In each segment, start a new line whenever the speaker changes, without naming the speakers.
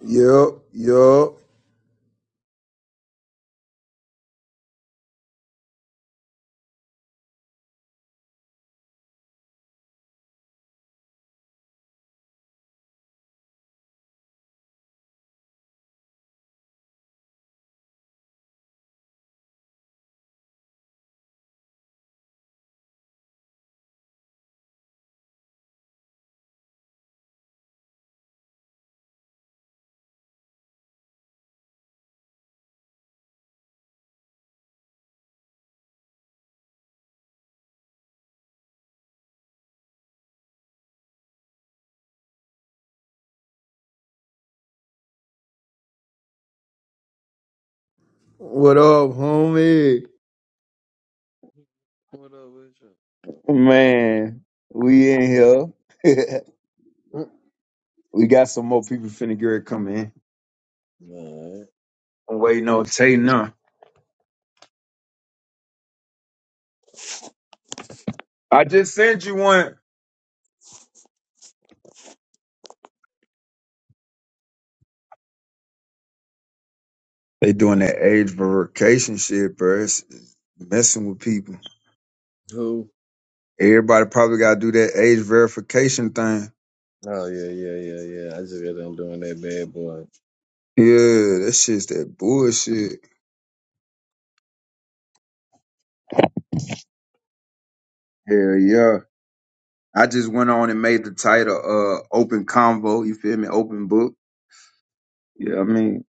Yup, yup. What up, homie?
What up with you?
Man, we in here.
Mm.
we got some more people finna get ready to come in.
All right.
I'm waiting on Tay now. I just sent you one. They doing that age verification shit, bro. It's it's messing with people.
Who?
Everybody probably gotta do that age verification thing.
Oh yeah, yeah, yeah, yeah. I just got done doing that bad boy.
Yeah, that shit's that bullshit. Hell yeah. I just went on and made the title uh open convo, you feel me? Open book. Yeah, I mean.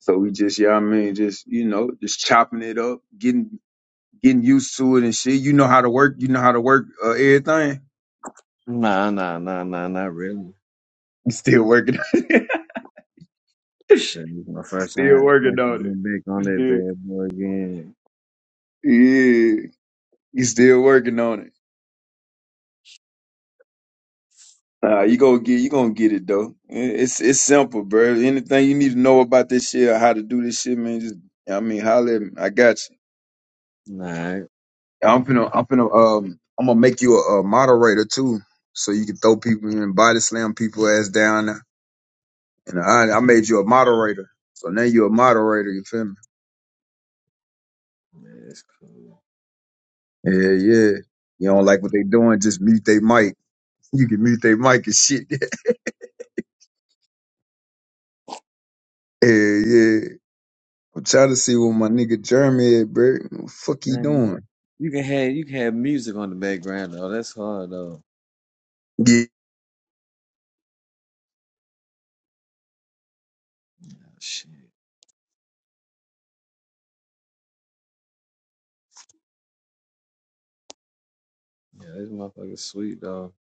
So we just, yeah, I mean, just you know, just chopping it up, getting getting used to it and shit. You know how to work. You know how to work uh, everything.
Nah, nah, nah, nah, not really.
You still working.
Shit, it's my first
still
time
working
actually
on
getting back on
it.
that
Still,
bad boy again.
yeah, you still working on it. Nah, you gonna get you gonna get it though. It- It's it's simple, bro. Anything you need to know about this shit or how to do this shit, man. Just I mean, holler at me. I got you.
Nah, man,
I'm finna I'm finna um I'm gonna make you a, a moderator too, so you can throw people and body slam people ass down And I, I made you a moderator. So now you're a moderator, you feel me?
it's cool.
Yeah, yeah. You don't
Oh
like what they
yeah.
doing, just mute they mic. You can mute they mic and shit. yeah, yeah. I'm trying to see what my nigga Jeremy at, bro. What the fuck he
Dang,
doing?
you can have you can have music on the background though. That's hard though.
Get
Oh, shit. Yeah, this motherfucker's sweet though.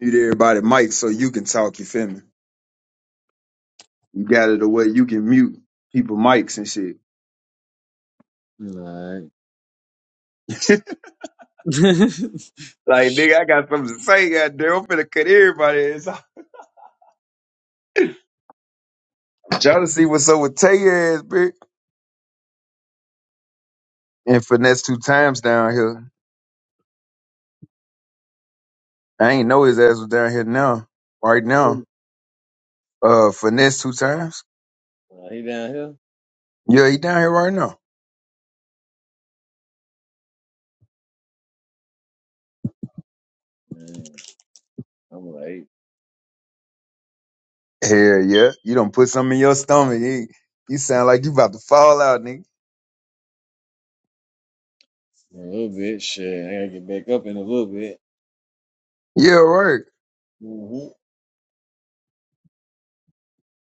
mute everybody mic so you can talk, you feel me? You got it the way you can mute people mics and shit.
All right.
like, nigga, I got something to say, goddamn. I'm finna cut everybody ass off. I'm trying to see what's up with Tay ass, bitch. And finesse two times down here. I ain't know his ass was down here now. Right now.
Who?
Uh finesse two times.
Uh, he down here?
Yeah, he down here right now.
Man, I'm late.
Hell yeah. You don't put something in your stomach. You, you sound like you about to fall out, nigga.
A little bit. Shit, I gotta get back up in a little bit.
Yeah, right.
hmm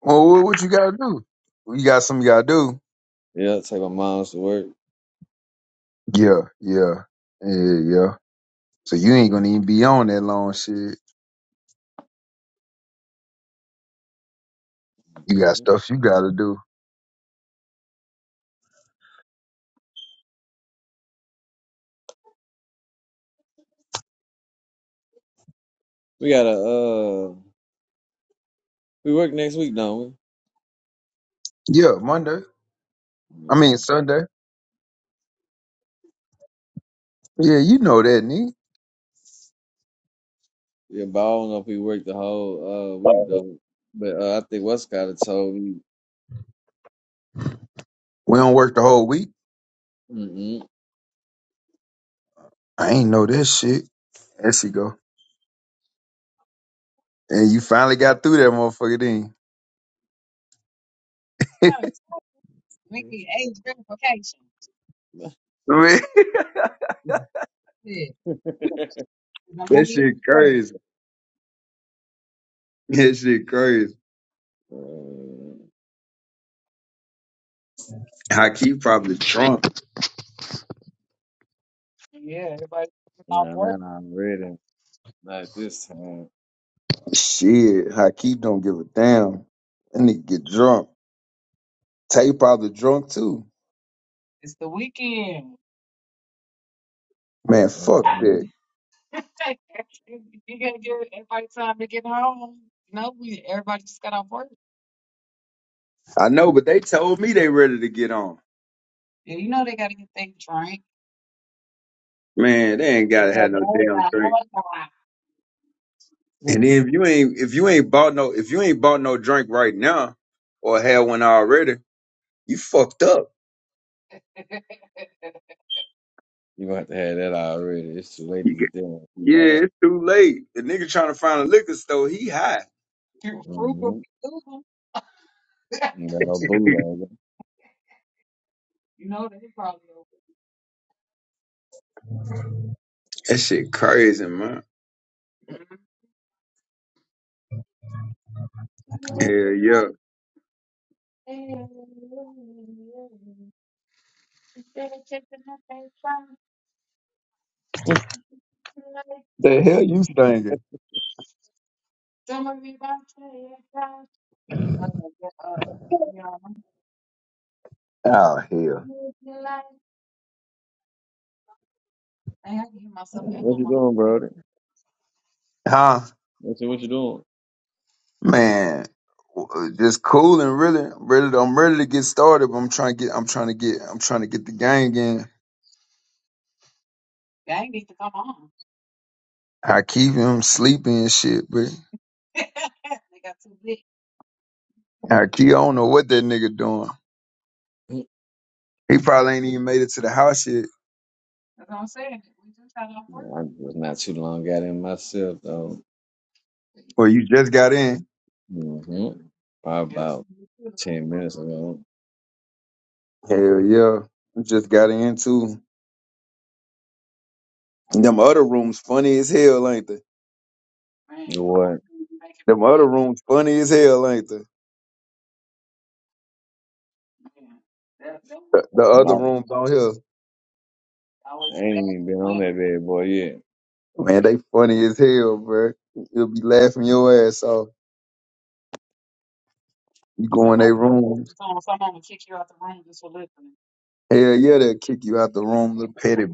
Well what, what you gotta do? You got something you gotta do.
Yeah, take my mom's to work.
Yeah, yeah. Yeah, yeah. So you ain't gonna even be on that long shit. You got
Mhm.
stuff you gotta do.
We gotta uh, we work next week, don't we?
Yeah, Monday. I mean Sunday. Yeah, you know that, nigga.
Yeah, Yeah, but I don't know if we work the whole uh week though. But uh, I think Westcott had told me.
We don't work the whole week.
Mm-mm.
I ain't know that shit. There she go. And you finally got through that motherfucker, then.
gotta talk. We need age verification.
Man,
Yeah, 'cause I
that
want me to be
shit
great.
crazy. That shit crazy.
Uh,
Hakeem probably drunk.
Yeah, everybody off
nah, nah,
work.
nah, I'm ready. Not this time.
Shit, Hakeem don't give a damn. That nigga get drunk. Tay probably drunk too.
It's the weekend.
Man, fuck
hmm
that.
you gotta give everybody time to get home. You know, we everybody just got off work.
I know, but they told me they ready to get on.
Yeah, you know they gotta get their drink
Man, they ain't
and
gotta have
that
no
more
damn
time,
drink.
more time.
you
And then if you ain't if you ain't bought no if you ain't bought no drink right now or had one already, you fucked up.
gonna have to have that already. It's too late to
You get,
get there. You
yeah,
gotta.
it's too late. The nigga trying to find a liquor store, he high.
Fruit frugal
Mm-hmm.
people.
You got no bootleg.
You know they probably over.
That shit crazy, man.
Mhm. Just look
Hell
at the
yeah.
light. Yeah, yeah, yeah. yeah. Instead of taking my
Mm.
face,
The hell you singing?
Don't worry about your past. Uh, yeah, uh, you know,
Oh hell.
I'm gonna be like, I had to hear myself echo
What you
when
doing,
I say it.
brother?
Huh?
I said, what you doing?
Man. w- uh, Just cool and really, really I'm ready to get started, but I'm trying to get I'm trying to get I'm trying to get the gang in.
Gang need to come on.
I keep him sleeping and shit, but
they got too big.
I keep I don't know what that nigga doing.
Mm.
He probably ain't even made it to the house yet.
That's what I'm saying. We just got off work.
I was not too long got in myself though.
Or you just got in.
hmm Probably
Yeah, we
about
do too.
ten minutes ago.
Hell yeah. You just got in too. Them other rooms funny as hell, ain't they?
Man,
You know
that one
what?
thing be making me
Them other
mad.
rooms funny as hell, ain't they?
Man, that, that one
The, the
thing be
other
About-
making me
rooms on here.
mad.
I
always
ain't
bad
even
for
been on that
women.
bad boy yet.
Man, they funny as hell, bro. You'll be laughing your ass off. You go
Some
in their
of them you listen
rooms.
to them, some of them kick you out the room just for listening.
Hell yeah, they'll kick you out the room, little petty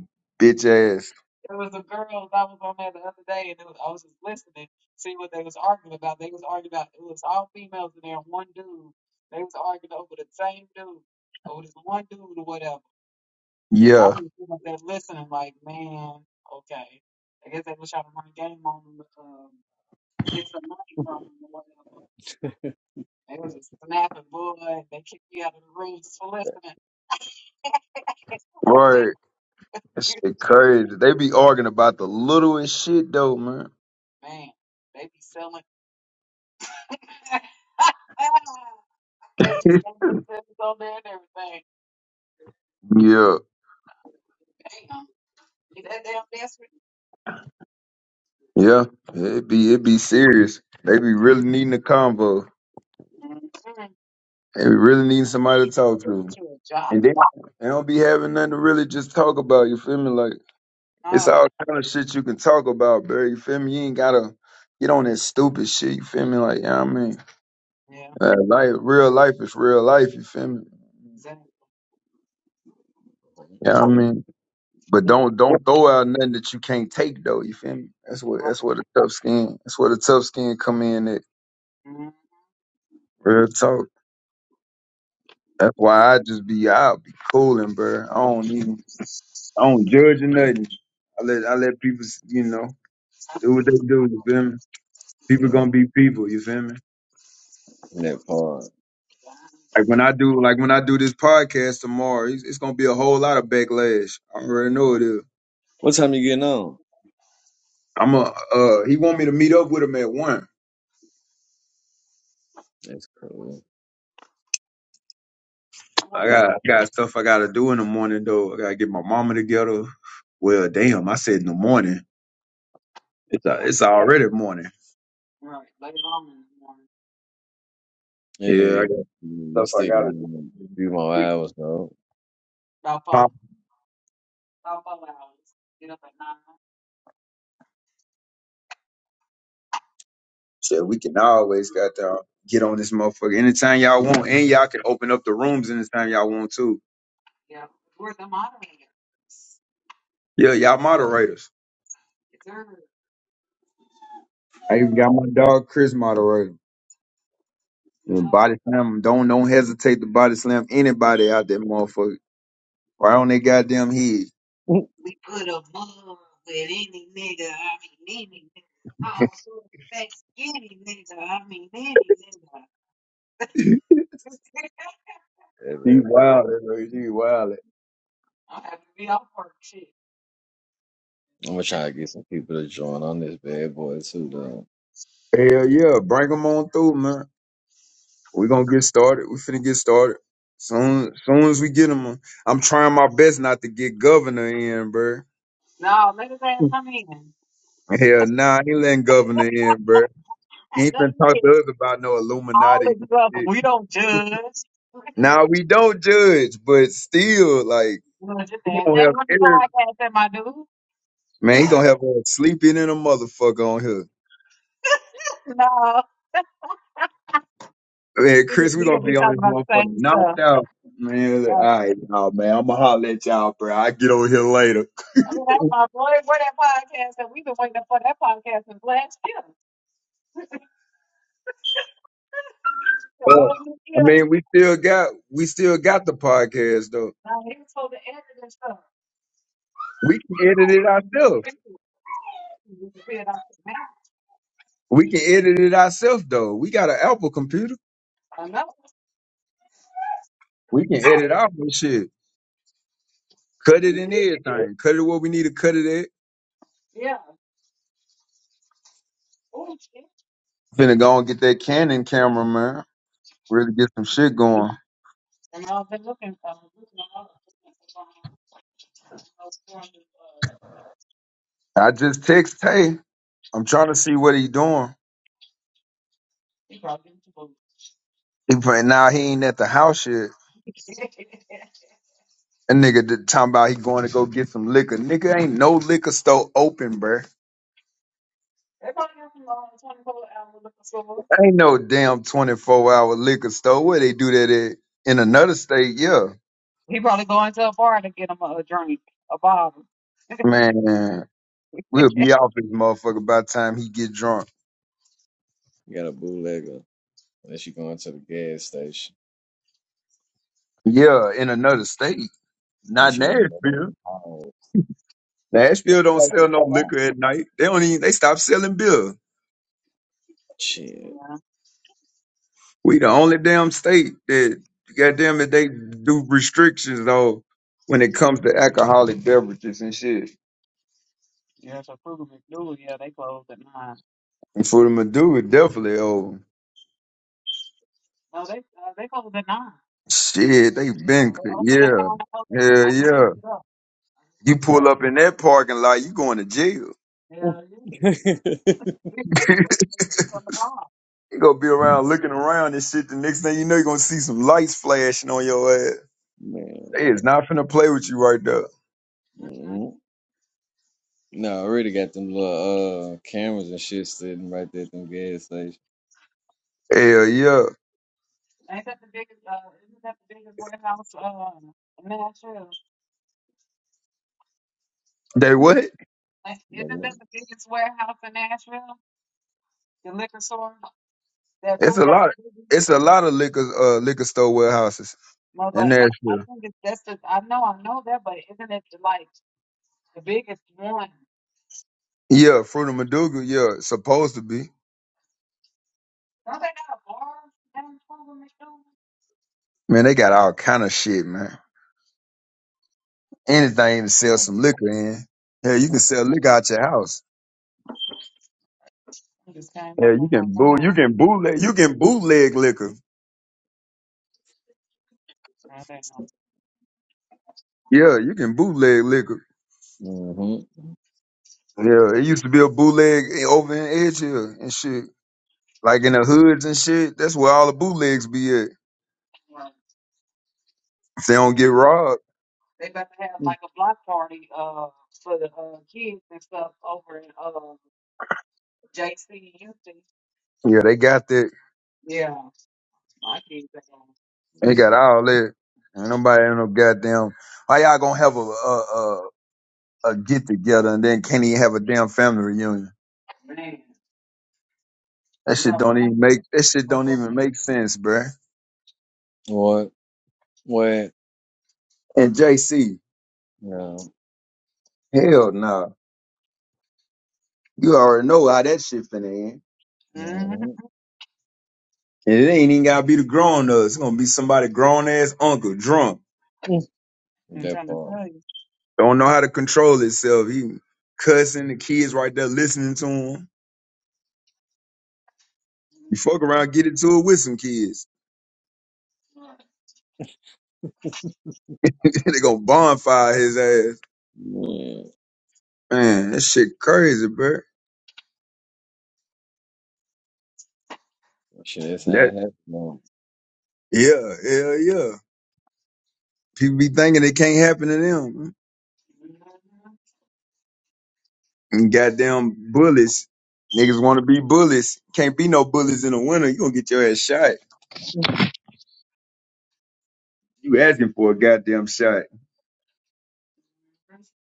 bitch ass.
There was a girl that was on there the other day, and it was, I was just listening, see what they was arguing about. They was arguing about it was all females in there, and one dude. They was arguing over the same dude, over this one dude or whatever. And I am
Yeah.
just sitting up there listening, like, man, okay. I guess they was trying to run a game on them, um, get some money from them or whatever. They was just snapping boy. They kicked me out of the room just for listening. I was like,
Right. That shit
damn,
crazy. They be arguing about the littlest shit though, man.
man, they be selling. Baby said they said it on there and everything.
yeah.
Damn. You that damn desperate?
Yeah. It be it be serious. They be really needing a convo.
Mm-hmm.
They be really needing somebody to talk to.
Get you a job.
And they, they don't be having nothing to really just talk about, you feel me? Like It's
Oh,
all kind of shit you can talk about, bro. You feel me? You ain't gotta get on that stupid shit. You feel me? Like, yeah, I mean,
yeah.
Uh, life, real life is real life. You feel me?
Exactly.
Yeah, I
That,
mean, but don't don't throw out nothing that you can't take though. You feel me? That's what
Right.
that's where the tough skin. That's where the tough skin come in. At
Mm-hmm.
real talk. That's why I just be I'll be cooling, bro. I don't even I don't judge or nothing. I let I let people you know
I
do what
feel
they do. You feel me? People
mm,
gonna be people. You feel me?
that part.
Like
like,
when
hey,
I do, like when I do this podcast tomorrow, it's, it's gonna be a whole lot of backlash. I already know it is.
What time you getting on?
I'm a. Uh, he want me to meet up with him at one.
That's cool.
You
I
wonder
got
what
I got stuff I gotta do in the morning though. I gotta get my mama together. Well, damn, I said in the morning. It's a,
yeah.
it's already morning.
Right. Later on in the morning.
It
Yeah, I
is.
got
You
stuff I
stick out
gotta do.
a few more
Get
hours though.
About four,
pop.
about four hours. Get up at nine.
Shit, we can always
Mm.
got to get on this motherfucker anytime y'all want, and y'all can open up the rooms anytime y'all want too.
Yeah. We're the moderators.
Yeah, y'all moderators.
It's her.
I even got my dog Chris moderator. The
Yeah.
body slam 'em. don't don't hesitate to body slam anybody out that motherfucker. Right on their goddamn head.
That
We put a mug with any nigga. I mean, any nigga. Oh, so that's any nigga. I mean, any nigga.
He
bad boy.
wild, that He wild.
I'm happy to be off work. Shit.
I'm gonna try to get some people to join on this bad boy too though.
Hell yeah, bring 'em on through, man. we gonna get started. We finna get started. Soon, soon as we get 'em, uh, I'm trying my best not to get governor in, bro.
No, let his ass come in.
Hell nah, I ain't letting governor in, bro. He ain't
Let
finna
him
talk
in.
to us about no
All
Illuminati
is
and
welcome.
shit.
We don't judge.
Now we don't judge, but still, like,
We don't judge
he
that.
gonna
Hey,
help
what the podcast am I do?
Man, he gonna have us sleeping in a motherfucker on here.
No,
Man,
we gonna
Chris, we
we
gonna
gonna be
be on
talking
this
about the
motherfucker
same stuff.
knocked out. Man, all
Uh,
right, nah, man, I'ma holler at y'all, bro. I get over here later.
oh, that's my boy. Where that podcast? And we've been waiting up for that podcast since last year. The
Yeah.
whole new
I
year.
mean, we still got we still got the podcast though.
Now he was supposed to edit and stuff.
We can edit it
And we can
ourselves.
fix it. We can figure it out. Now,
We can edit it ourselves though. We got an Apple computer.
I know.
We can edit our own shit. Cut it in everything. Cut it where we need to cut it at.
Yeah. Oh, shit.
Finna go and get that Canon camera, man. Really get some shit going.
And I've been looking for looking for uh,
I just text Tay. I'm trying to see what he doing.
he probably didn't vote.
He but now he ain't at the house yet.
They
That nigga did- talking about he going to go get some liquor. Nigga ain't no liquor store open, bruh.
probably got some uh, twenty four hour looking for
Ain't no damn 24 hour liquor store. Where they do that at? In another state, yeah.
He probably going to a bar to get him a, a drink, a bottle.
Man, we'll be off this motherfucker by the time he get drunk.
You got a bootlegger. And she going to the gas station.
Yeah, in another state.
And
Not
she want to know
Nashville.
you power. What
Nashville
you
don't
Like
sell no liquor at night. They don't even they stop selling beer.
Yeah,
We the only damn state that goddamn it they do restrictions though when it comes to alcoholic beverages and shit.
yeah. So Kruger McDougal, yeah, they closed at nine.
And for them to do it, definitely oh
No, they uh, they closed at nine.
shit, they been
They open at nine.
yeah.
eleven.
Yeah,
I just
yeah.
looked it up. I just
You
looked it
pull
up.
up in that parking lot, you going to jail.
Yeah,
to the Shit.
yeah.
you
From the bar.
gonna be around looking around and shit. The next thing you know, you're gonna see some lights flashing on your ass.
Man.
They is not finna play with you right there.
Mhm.
mm No, I already got them little uh cameras and shit sitting right there at them gas stations.
Hell yeah.
Ain't that the biggest? Uh, isn't that the biggest warehouse uh, in Nashville?
They
Hmm?
what?
Like, Isn't that the biggest warehouse in Nashville? The liquor store, that
It's
food
a
in the
lot.
city?
It's a lot of liquor uh liquor store warehouses.
No,
And
but
that's
I think it's that's the I know I know that, but isn't it like the biggest one?
Yeah, Fruit of Maduga, yeah, it's supposed to be.
Don't they got a bar downtown in Nashville?
Man, they got all kind of shit, man. Anything to sell
Oh,
some liquor in. Yeah, you can sell liquor out your house.
I just came
Yeah,
up
you
on my
can boot
phone.
you
I'm
can
so-
bootleg you can bootleg liquor.
I don't know.
Yeah, you can bootleg liquor.
Mm-hmm.
Yeah, it used to be a bootleg over in Edge Hill and shit. Like in the hoods and shit. That's where all the bootlegs be at.
Right.
If they don't get robbed.
They about to have like a block party uh for the uh, kids and stuff over in uh JC Houston.
Yeah, they got that.
Yeah, my kids are going,
They got all that. Ain't nobody in no goddamn how y'all gonna have a, a, a get together and then can't even have a damn family reunion.
man,
That
you
shit
already
don't even
know.
make that shit don't even
something.
make sense, bruh.
What? What?
And JC,
No.
hell no. You already know how that shit finna end.
hmm
Mm-hmm.
And it ain't even gotta be the grown ups. It's gonna be somebody grown ass uncle, drunk.
I'm
That
trying to
part.
tell you.
Don't know how to control himself. He cussing the kids right there listening to him. You fuck
Mhm.
around, get into it with some kids. they gonna bonfire his ass.
Yeah.
Man, that shit crazy, bruh.
Shit, that's how
That
it happened. though.
yeah, hell yeah. People be thinking it can't happen to them. And goddamn bullies. Niggas want to be bullies. Can't be no bullies in the winter. You gonna get your ass shot. You asking for a goddamn shot.
That's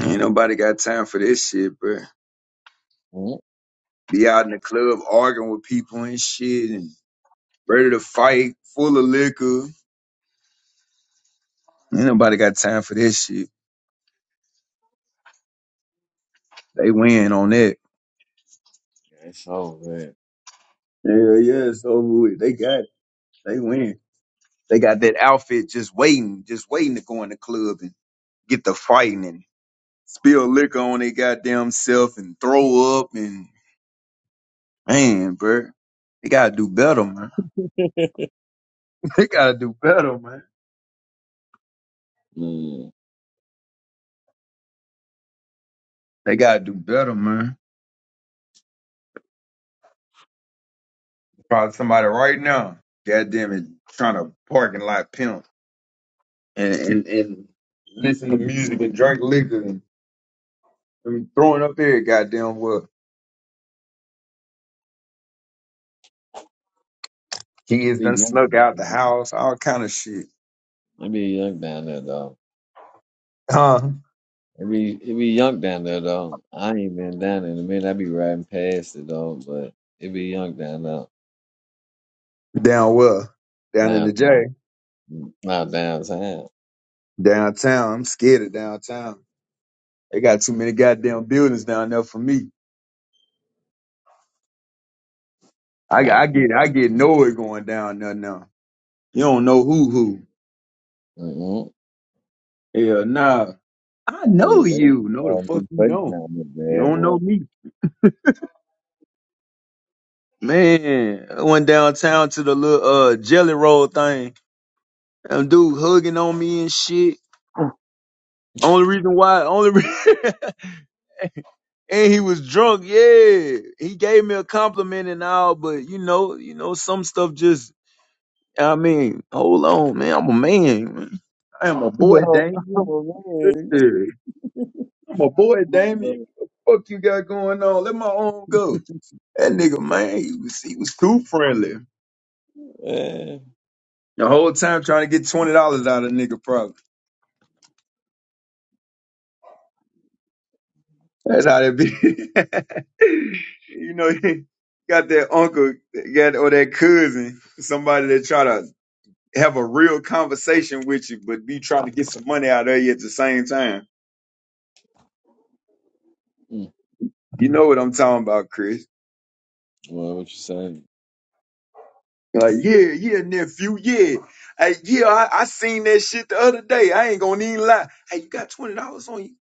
Ain't nobody got time for this shit, bro.
Mm.
Be out in the club arguing with people and shit and ready to fight, full of liquor. Ain't nobody got time for this shit. They win on that.
That's all good.
Yeah, yeah, it's over with. They got it. They win. They got that outfit just waiting, just waiting to go in the club and get the fighting spill liquor on their goddamn self and throw up and man, bro. They gotta do better, man. They gotta do better, man.
Mm.
They gotta do better, man. Probably somebody right now, goddamn it, trying to parking lot pimp and, and, and listen to music and drink liquor and, and throwing up there, goddamn well.
It
Kids
be
done
young.
snuck out the
down there.
house, all kind of shit.
It be young down there though.
Huh?
It be it be young down there though. I ain't been down there in a minute. I be riding past it though, but it be young down there.
Down well. Down in the
Down
J.
mm, not downtown.
Downtown. I'm scared of downtown. They got too many goddamn buildings down there for me.
A
I,
lot
I
of
get I
people.
get nowhere going down there now. You don't know who who.
Mm-hmm.
Hell nah. I know
Hey, there's
you.
a
No,
uh,
the fuck
new
you
place
don't.
down
You
there,
don't know
boy.
me. Man, I went downtown to the little uh jelly roll thing. And dude hugging on me and shit. Only reason why, only re- and he was drunk. Yeah, he gave me a compliment and all, but you know, you know, some stuff just I mean, hold on, man. I'm a man. man. I am a
Yeah,
boy,
oh,
Damien.
man.
Listen, I'm a boy, Damien. What the fuck you got going on? Let my arm go. That nigga, man, he was, he was too friendly.
Yeah.
The whole time trying to get $20 out of nigga, probably. That's how that be. you know, got that uncle got or that cousin, somebody that try to have a real conversation with you, but be trying to get some money out of you at the same time.
Mm.
You know what I'm talking about, Chris.
Well, what you say?
Like, yeah, yeah, nephew, yeah. Hey, yeah, I, I seen that shit the other day. I ain't gonna even lie. Hey, you got twenty dollars on you?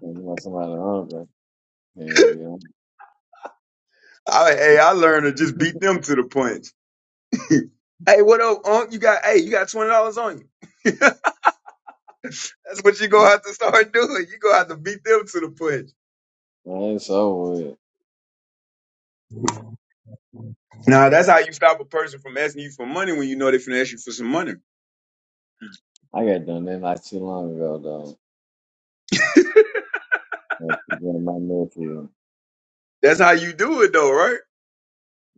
Talking about somebody hungry. Yeah, yeah.
I, hey, I learned to just beat them to the punch. hey, what up, Unc? You got hey, you got twenty dollars on you. That's what you gonna have to start doing. You gonna have to beat them to the punch.
Man, it's over
Nah,
with.
that's how you stop a person from asking you for money when you know they finna ask you for some money.
I got done that not too long ago though. Uh, People in my nephew.
That's how you do it though, right?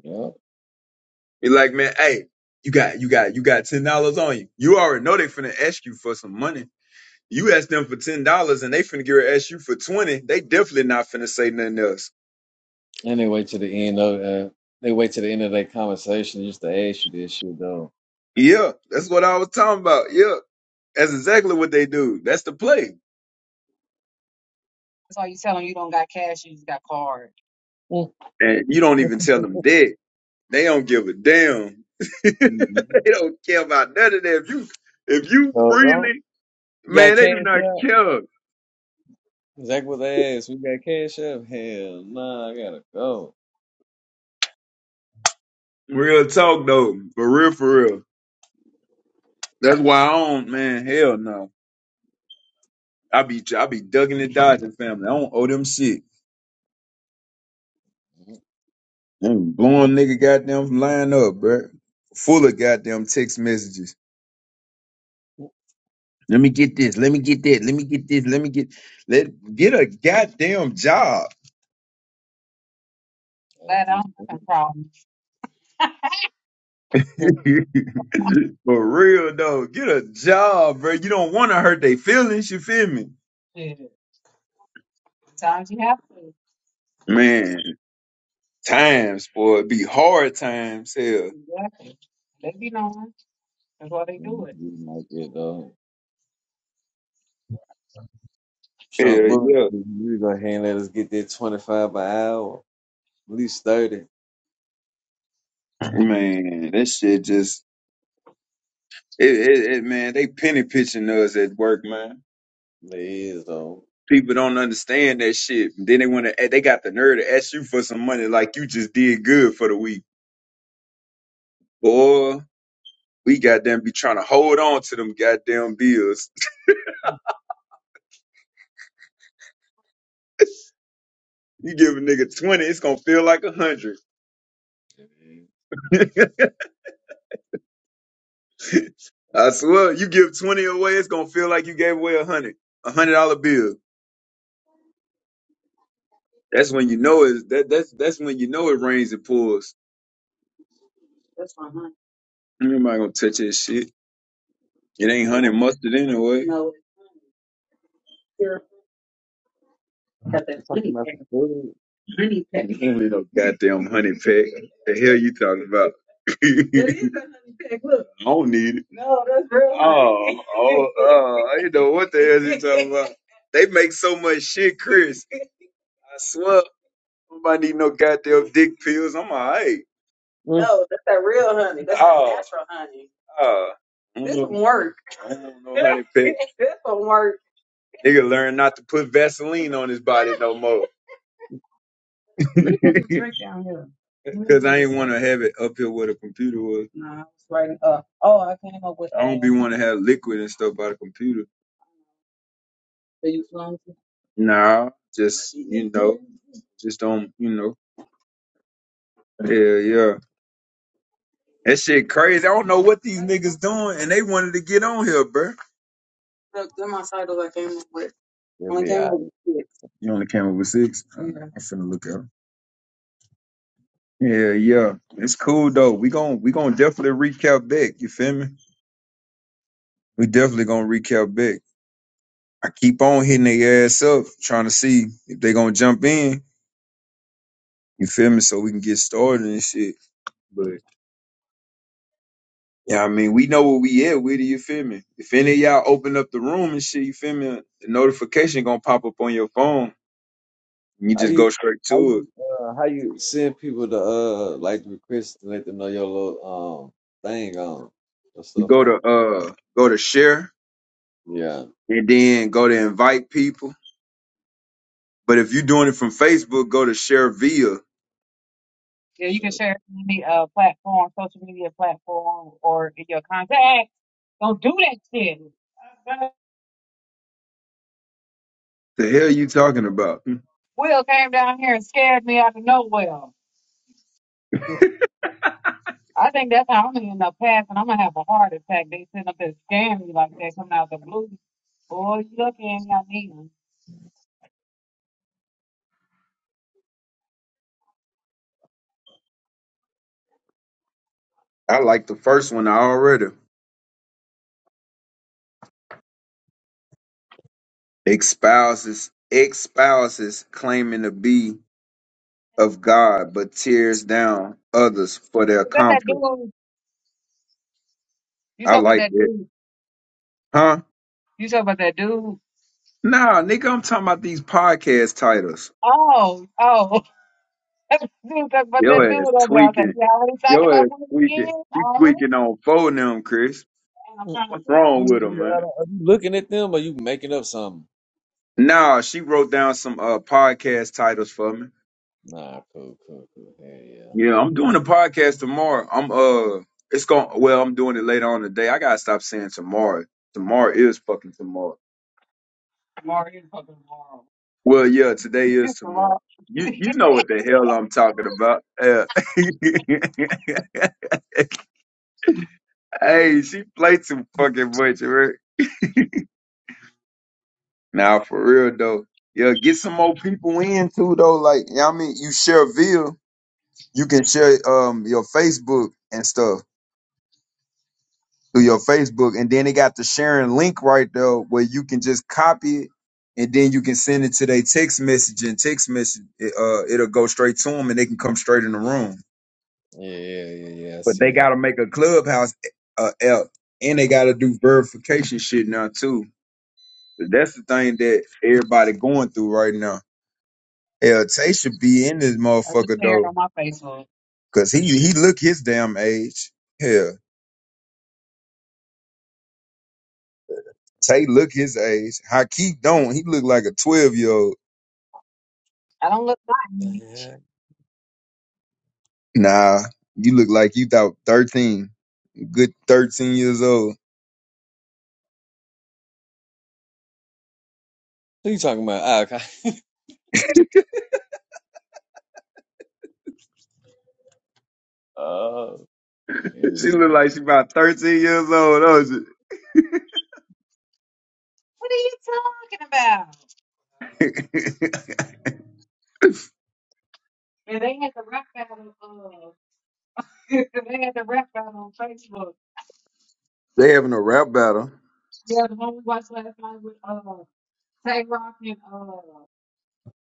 Yep.
You're like, man, hey, you got you got you got ten dollars on you. You already know they finna ask you for some money. You ask them for ten dollars and they finna get ready to ask you for twenty, they definitely not finna say nothing else.
And they wait to the end of uh, they wait to the end of their conversation just to ask you this shit though.
Yeah, that's what I was talking about. Yeah. That's exactly what they do. That's the play.
why you tell them you don't got cash, you just got card.
And you don't even tell them that. They don't give a damn. they
Mm-hmm.
don't care about none of that. If you if you
So though,
freely
you got
man, they
cash
do not
out?
care.
Exactly. what they asked? We got cash out? Hell nah, I gotta go.
Real talk though. For real, for real. That's why I don't man, hell no. I be I be ducking and dodging family. I don't owe them shit.
Mhm.
And blowing nigga goddamn line up, bro. Full of goddamn text messages. Let me get this. Let me get that. Let me get this. Let me get let get a goddamn job.
I
Glad I
just
don't
Mhm.
have a problem.
For real though. Get a job, bro. You don't wanna hurt their feelings, you feel me?
Shit. Sometimes you have to.
Man, times, boy, it be hard times, hell.
Exactly. They be knowing. That's why they do
Mhm.
it.
You like it though. Trump
Hell
Booker,
yeah.
you go ahead and let us get that twenty five by hour. At least 30.
Man, that shit just it, it, it man, they penny pitching us at work, man.
They is, though.
People don't understand that shit. Then they want to. They got the nerve to ask you for some money, like you just did good for the week, boy. We goddamn be trying to hold on to them goddamn bills. You give a nigga twenty, it's gonna feel like a hundred.
Man.
I swear, you give twenty away, it's gonna feel like you gave away a hundred, a hundred dollar bill. That's when you know it. That that's that's when you know it rains and pours. Ain't Nobody gonna touch that shit. It ain't honey
Well,
mustard anyway.
I'm talking about some food.
You ain't no goddamn honey pack. The hell you talking about? That I don't need it. Oh, oh, oh! I don't know what the hell you talking about. They make so much shit, Chris. I swear, nobody need no goddamn dick pills. I'm alright.
Mm.
oh. Oh, oh. know, I don't know honey pack. Nigga learn not to put Vaseline on his body no more. Cause I ain't want to have it up here where the computer was. I don't be want to have liquid and stuff by the computer. Nah, just you know, just don't you know. Yeah, yeah. That shit crazy. I don't know what these niggas doing, and they wanted to get on here, bruh.
It'll be all right.
You only came up with six. Uh, I'm finna look at 'em. Yeah, yeah. It's cool though. We gon' we gon' definitely recap back. You feel me? We definitely gonna recap back. I keep on hitting their ass up, trying to see if they gonna jump in. You feel me? So we can get started and shit. But yeah, I mean, we know where we at with it. You feel me? If any of y'all open up the room and shit, you feel me? The notification gonna pop up on your phone. And you
How
just
you,
go straight
how
to it.
you, uh, how you send people to, uh, like request to let them know your little, um, thing on, your
You
stuff
go to
on?
uh, go to share,
Yeah.
and then go to invite people. But if you're doing it from Facebook, go to share via.
Yeah, you can
Shit.
share any uh, platform, social media platform, or in your contacts. Don't do that shit.
The hell you talking about?
Will came down here and scared me out of nowhere. I think that's how I'm gonna end up passing. I'm gonna have a heart attack. They sitting up there scaring me like that coming out the blue. Boy, you lucky I ain't got me. one.
I like the first one already. espouses espouses claiming to be of God, but tears down others for their
Is that that
comfort.
dude? You
I
talk about
like
that
it,
dude.
huh?
You talk about that dude.
Nah, nigga, I'm talking about these podcast titles.
Oh, oh. Dude, talk about
Yo
that dude
ass
over there. Okay,
tweaking.
yeah, I was like, you already talked
Yo ass
about women
tweaking.
again?
He
Already?
tweaking on four of them, Chris.
And I'm
Mm.
trying to
What's
tell
You
you.
wrong with
looking
him,
at, I
man?
don't- are you looking at them or you making up something?
Nah, she wrote down some uh podcast titles for me.
Nah, cool, cool, cool. Yeah, yeah.
Yeah, I'm doing a podcast tomorrow. I'm uh, it's going. Well, I'm doing it later on today. I gotta stop saying tomorrow. Tomorrow is fucking tomorrow.
Tomorrow is fucking tomorrow.
Well, yeah, today is
It's a
tomorrow. You you know what the hell I'm talking about. Yeah.
Mm.
hey, she played too fucking much, right? Now, for real though, yeah, get some more people in too though. Like, you know what I mean, you share Ville, you can share um your Facebook and stuff through your Facebook, and then they got the sharing link right there where you can just copy it. And then you can send it to their text message and text message. It, uh, it'll go straight to them, and they can come straight in the room.
Yeah, yeah, yeah, yeah. I
but
see
they got
it.
to make a clubhouse uh, app, and they got to do verification shit now too. That's the thing that everybody going through right now. Hell, Tay should be in this
I just
motherfucker
stared
though,
on my Facebook.
cause he he look his damn age. Hell, Tay look his age. Hakeem don't. He look like a twelve year old.
I don't look my age.
Yeah.
Nah, you look like you about thirteen. Good thirteen years old.
Who you talking about? Ah, okay. Oh.
she look
Mm.
like she about thirteen years old. Don't
What are you talking about?
she?
And they had the rap battle. Uh, they had the rap battle on Facebook.
they having a rap battle.
Yeah, the one we watched last night with uh, Tay Rock and uh,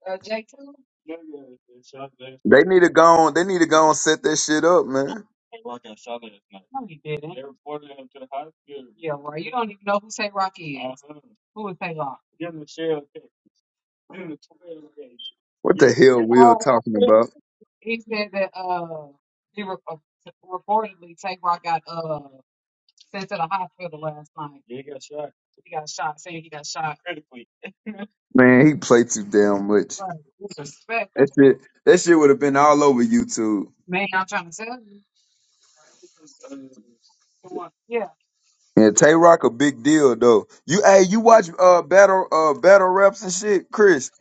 Uh, J two? No, yeah, they shot last
They
night.
need to go on. They need to go and set that shit up, man.
Rock got shot last night. No, he didn't. They reported him to the hospital. Yeah, well, you don't even know who Tay Rock is. Uh-huh. Who is Tay Rock? Give him the shell case. Give him the twelve case.
What the
Yeah.
hell Will
Oh,
talking
okay.
about?
he said that uh he re- uh, reportedly Tay Rock got uh sent to the hospital last night. Yeah, he got shot. He got shot. Saying he got shot critically.
Man, he played too damn much.
Right. Disrespect,
That shit. That shit would have been all over YouTube.
man. I'm trying to tell you. Uh, Come on. Yeah.
Yeah, Tay Rock a big deal though. You hey, you watch uh battle uh battle raps and shit, Chris.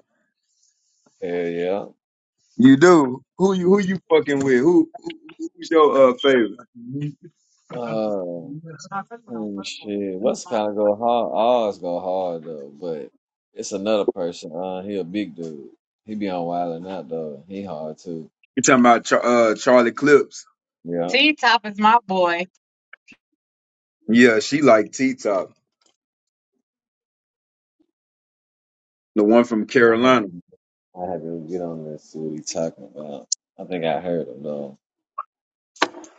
Hell yeah.
You do. Who you who
Mm.
you fucking with? Who, who who's your uh favorite?
Uh, Oh shit, West kind of go hard. Oz go hard though, but it's another person. Uh, he a big dude. He be on Wild and Out though. He hard too.
You talking about Char- uh Charlie Clips?
Yeah,
T Top is my boy.
Yeah, she like T Top, the one from
I had
Carolina.
to, I had to get on this. See what he talking about. I think I heard him though.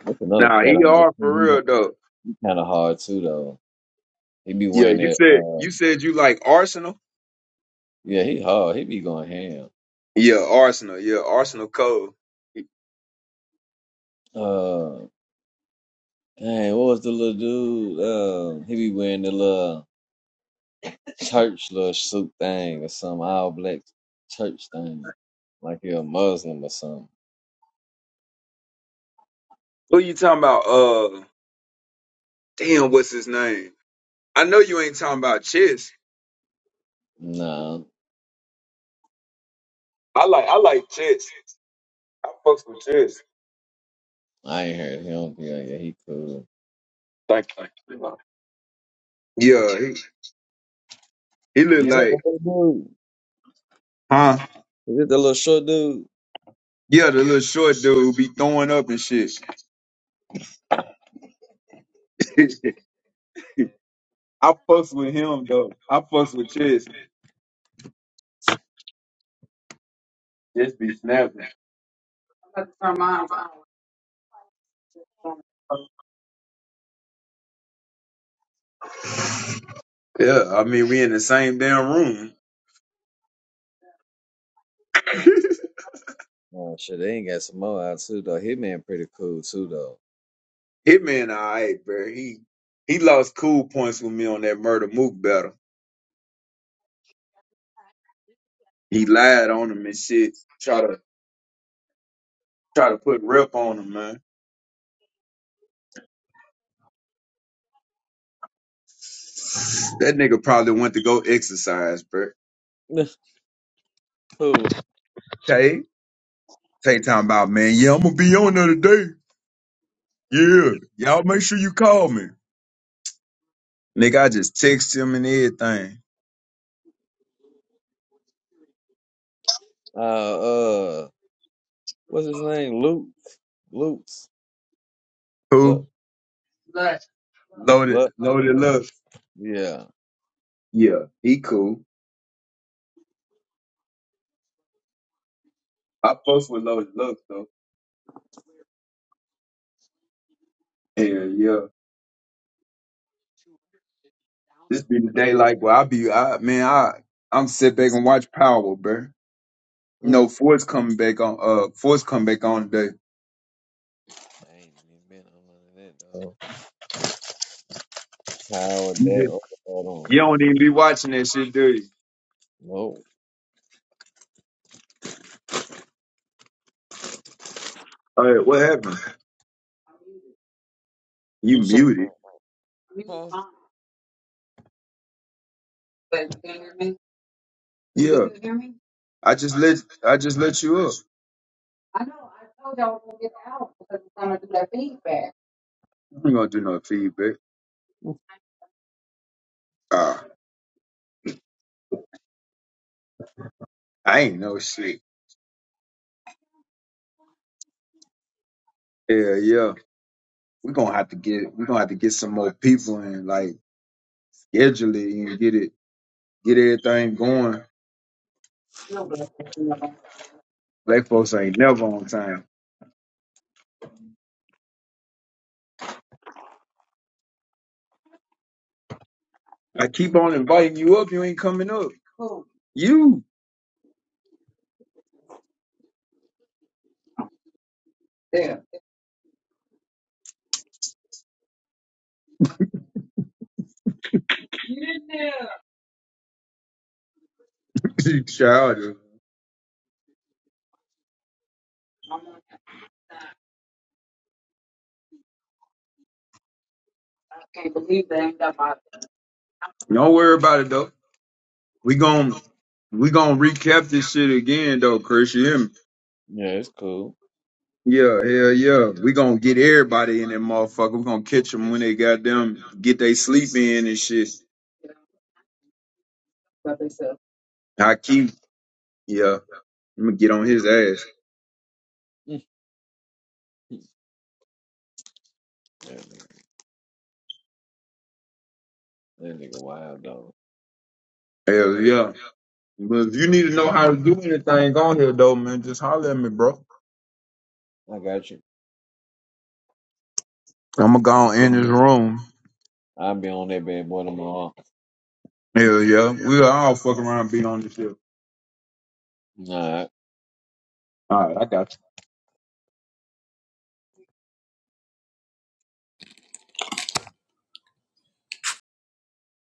There's another
Nah,
cat
he
on there
are for
too.
real though.
He, he kind of hard too though. He be
Yeah,
wearing
you
that.
said
Uh,
you said you like Arsenal.
yeah, he hard. He be going ham.
Yeah, Arsenal. Yeah, Arsenal Cole.
Uh, dang, what was the little dude? Um, he be wearing the little. church little suit thing or some all black church thing, like he a Muslim or something.
Who you talking about? Uh, damn, what's his name? I know you ain't talking about Chess.
Nah,
I like, I like Chess. I fucks with Chess.
I ain't heard him be like, yeah, he cool.
Thank you. Yeah, he, he look
Is that the
like,
little dude?
huh?
Is it the little short dude?
Yeah, the little short dude who be throwing up and shit. I fucks with him though. I fucks with Chess. Chess be snapping. Yeah, I mean we in the same damn room.
Oh shit, they ain't got some more out too though. Hitman pretty cool too
Hitman, alright, bro. He he lost cool points with me on that murder mook battle. He lied on him and shit. Try to try to put rep on him, man. That nigga probably went to go exercise, bro.
though. Who?
Tay, Tay talking about, man, yeah, I'm gonna be on there today. Yeah, y'all make sure you call me. Nigga, I just text him and everything.
Uh, uh, what's his name? Luke. Luke's. Look,
Cool. Loaded,
look,
loaded love.
yeah.
Yeah, he cool. I post with loaded love though. Yeah, yeah. This be the day like where I be, I man, I I'm sit back and watch Power, bro.
Mm.
No, Ford's coming back on. Uh, Ford's coming back on
I ain't even been on none of that though. How would
today.
that? Oh, Hold on.
You don't even be watching that shit, do you?
Nope.
All right, what happened? You
Who's talking
muted.
about? Huh?
Yeah. hear me? I just let I just let you up. I ain't gonna do no feedback. Ah, I ain't no shit. Yeah, yeah. We're gonna have to get we're gonna have to get some more people and like schedule it and get it get everything going. Black folks ain't never on time. I keep on inviting you up, you ain't coming up. You you child. Don't worry about it though. We gon' we gonna recap this shit again though, Chris. You hear me?
Yeah, it's cool.
Yeah, hell yeah. We gonna get everybody in that motherfucker. We gonna catch them when they got them get they sleep in and shit. Hakeem, yeah, I'm gonna get on his ass.
that nigga that nigga wild though.
Hell yeah. But if you need to know how to do anything on here though, man, just holler at me, bro.
I got you.
I'm gonna go
I'll
on
be
in
on
this
that
room.
I'll be on that bad boy tomorrow.
Hell yeah. We all fuck around and be on this shit.
All right.
All right, I got.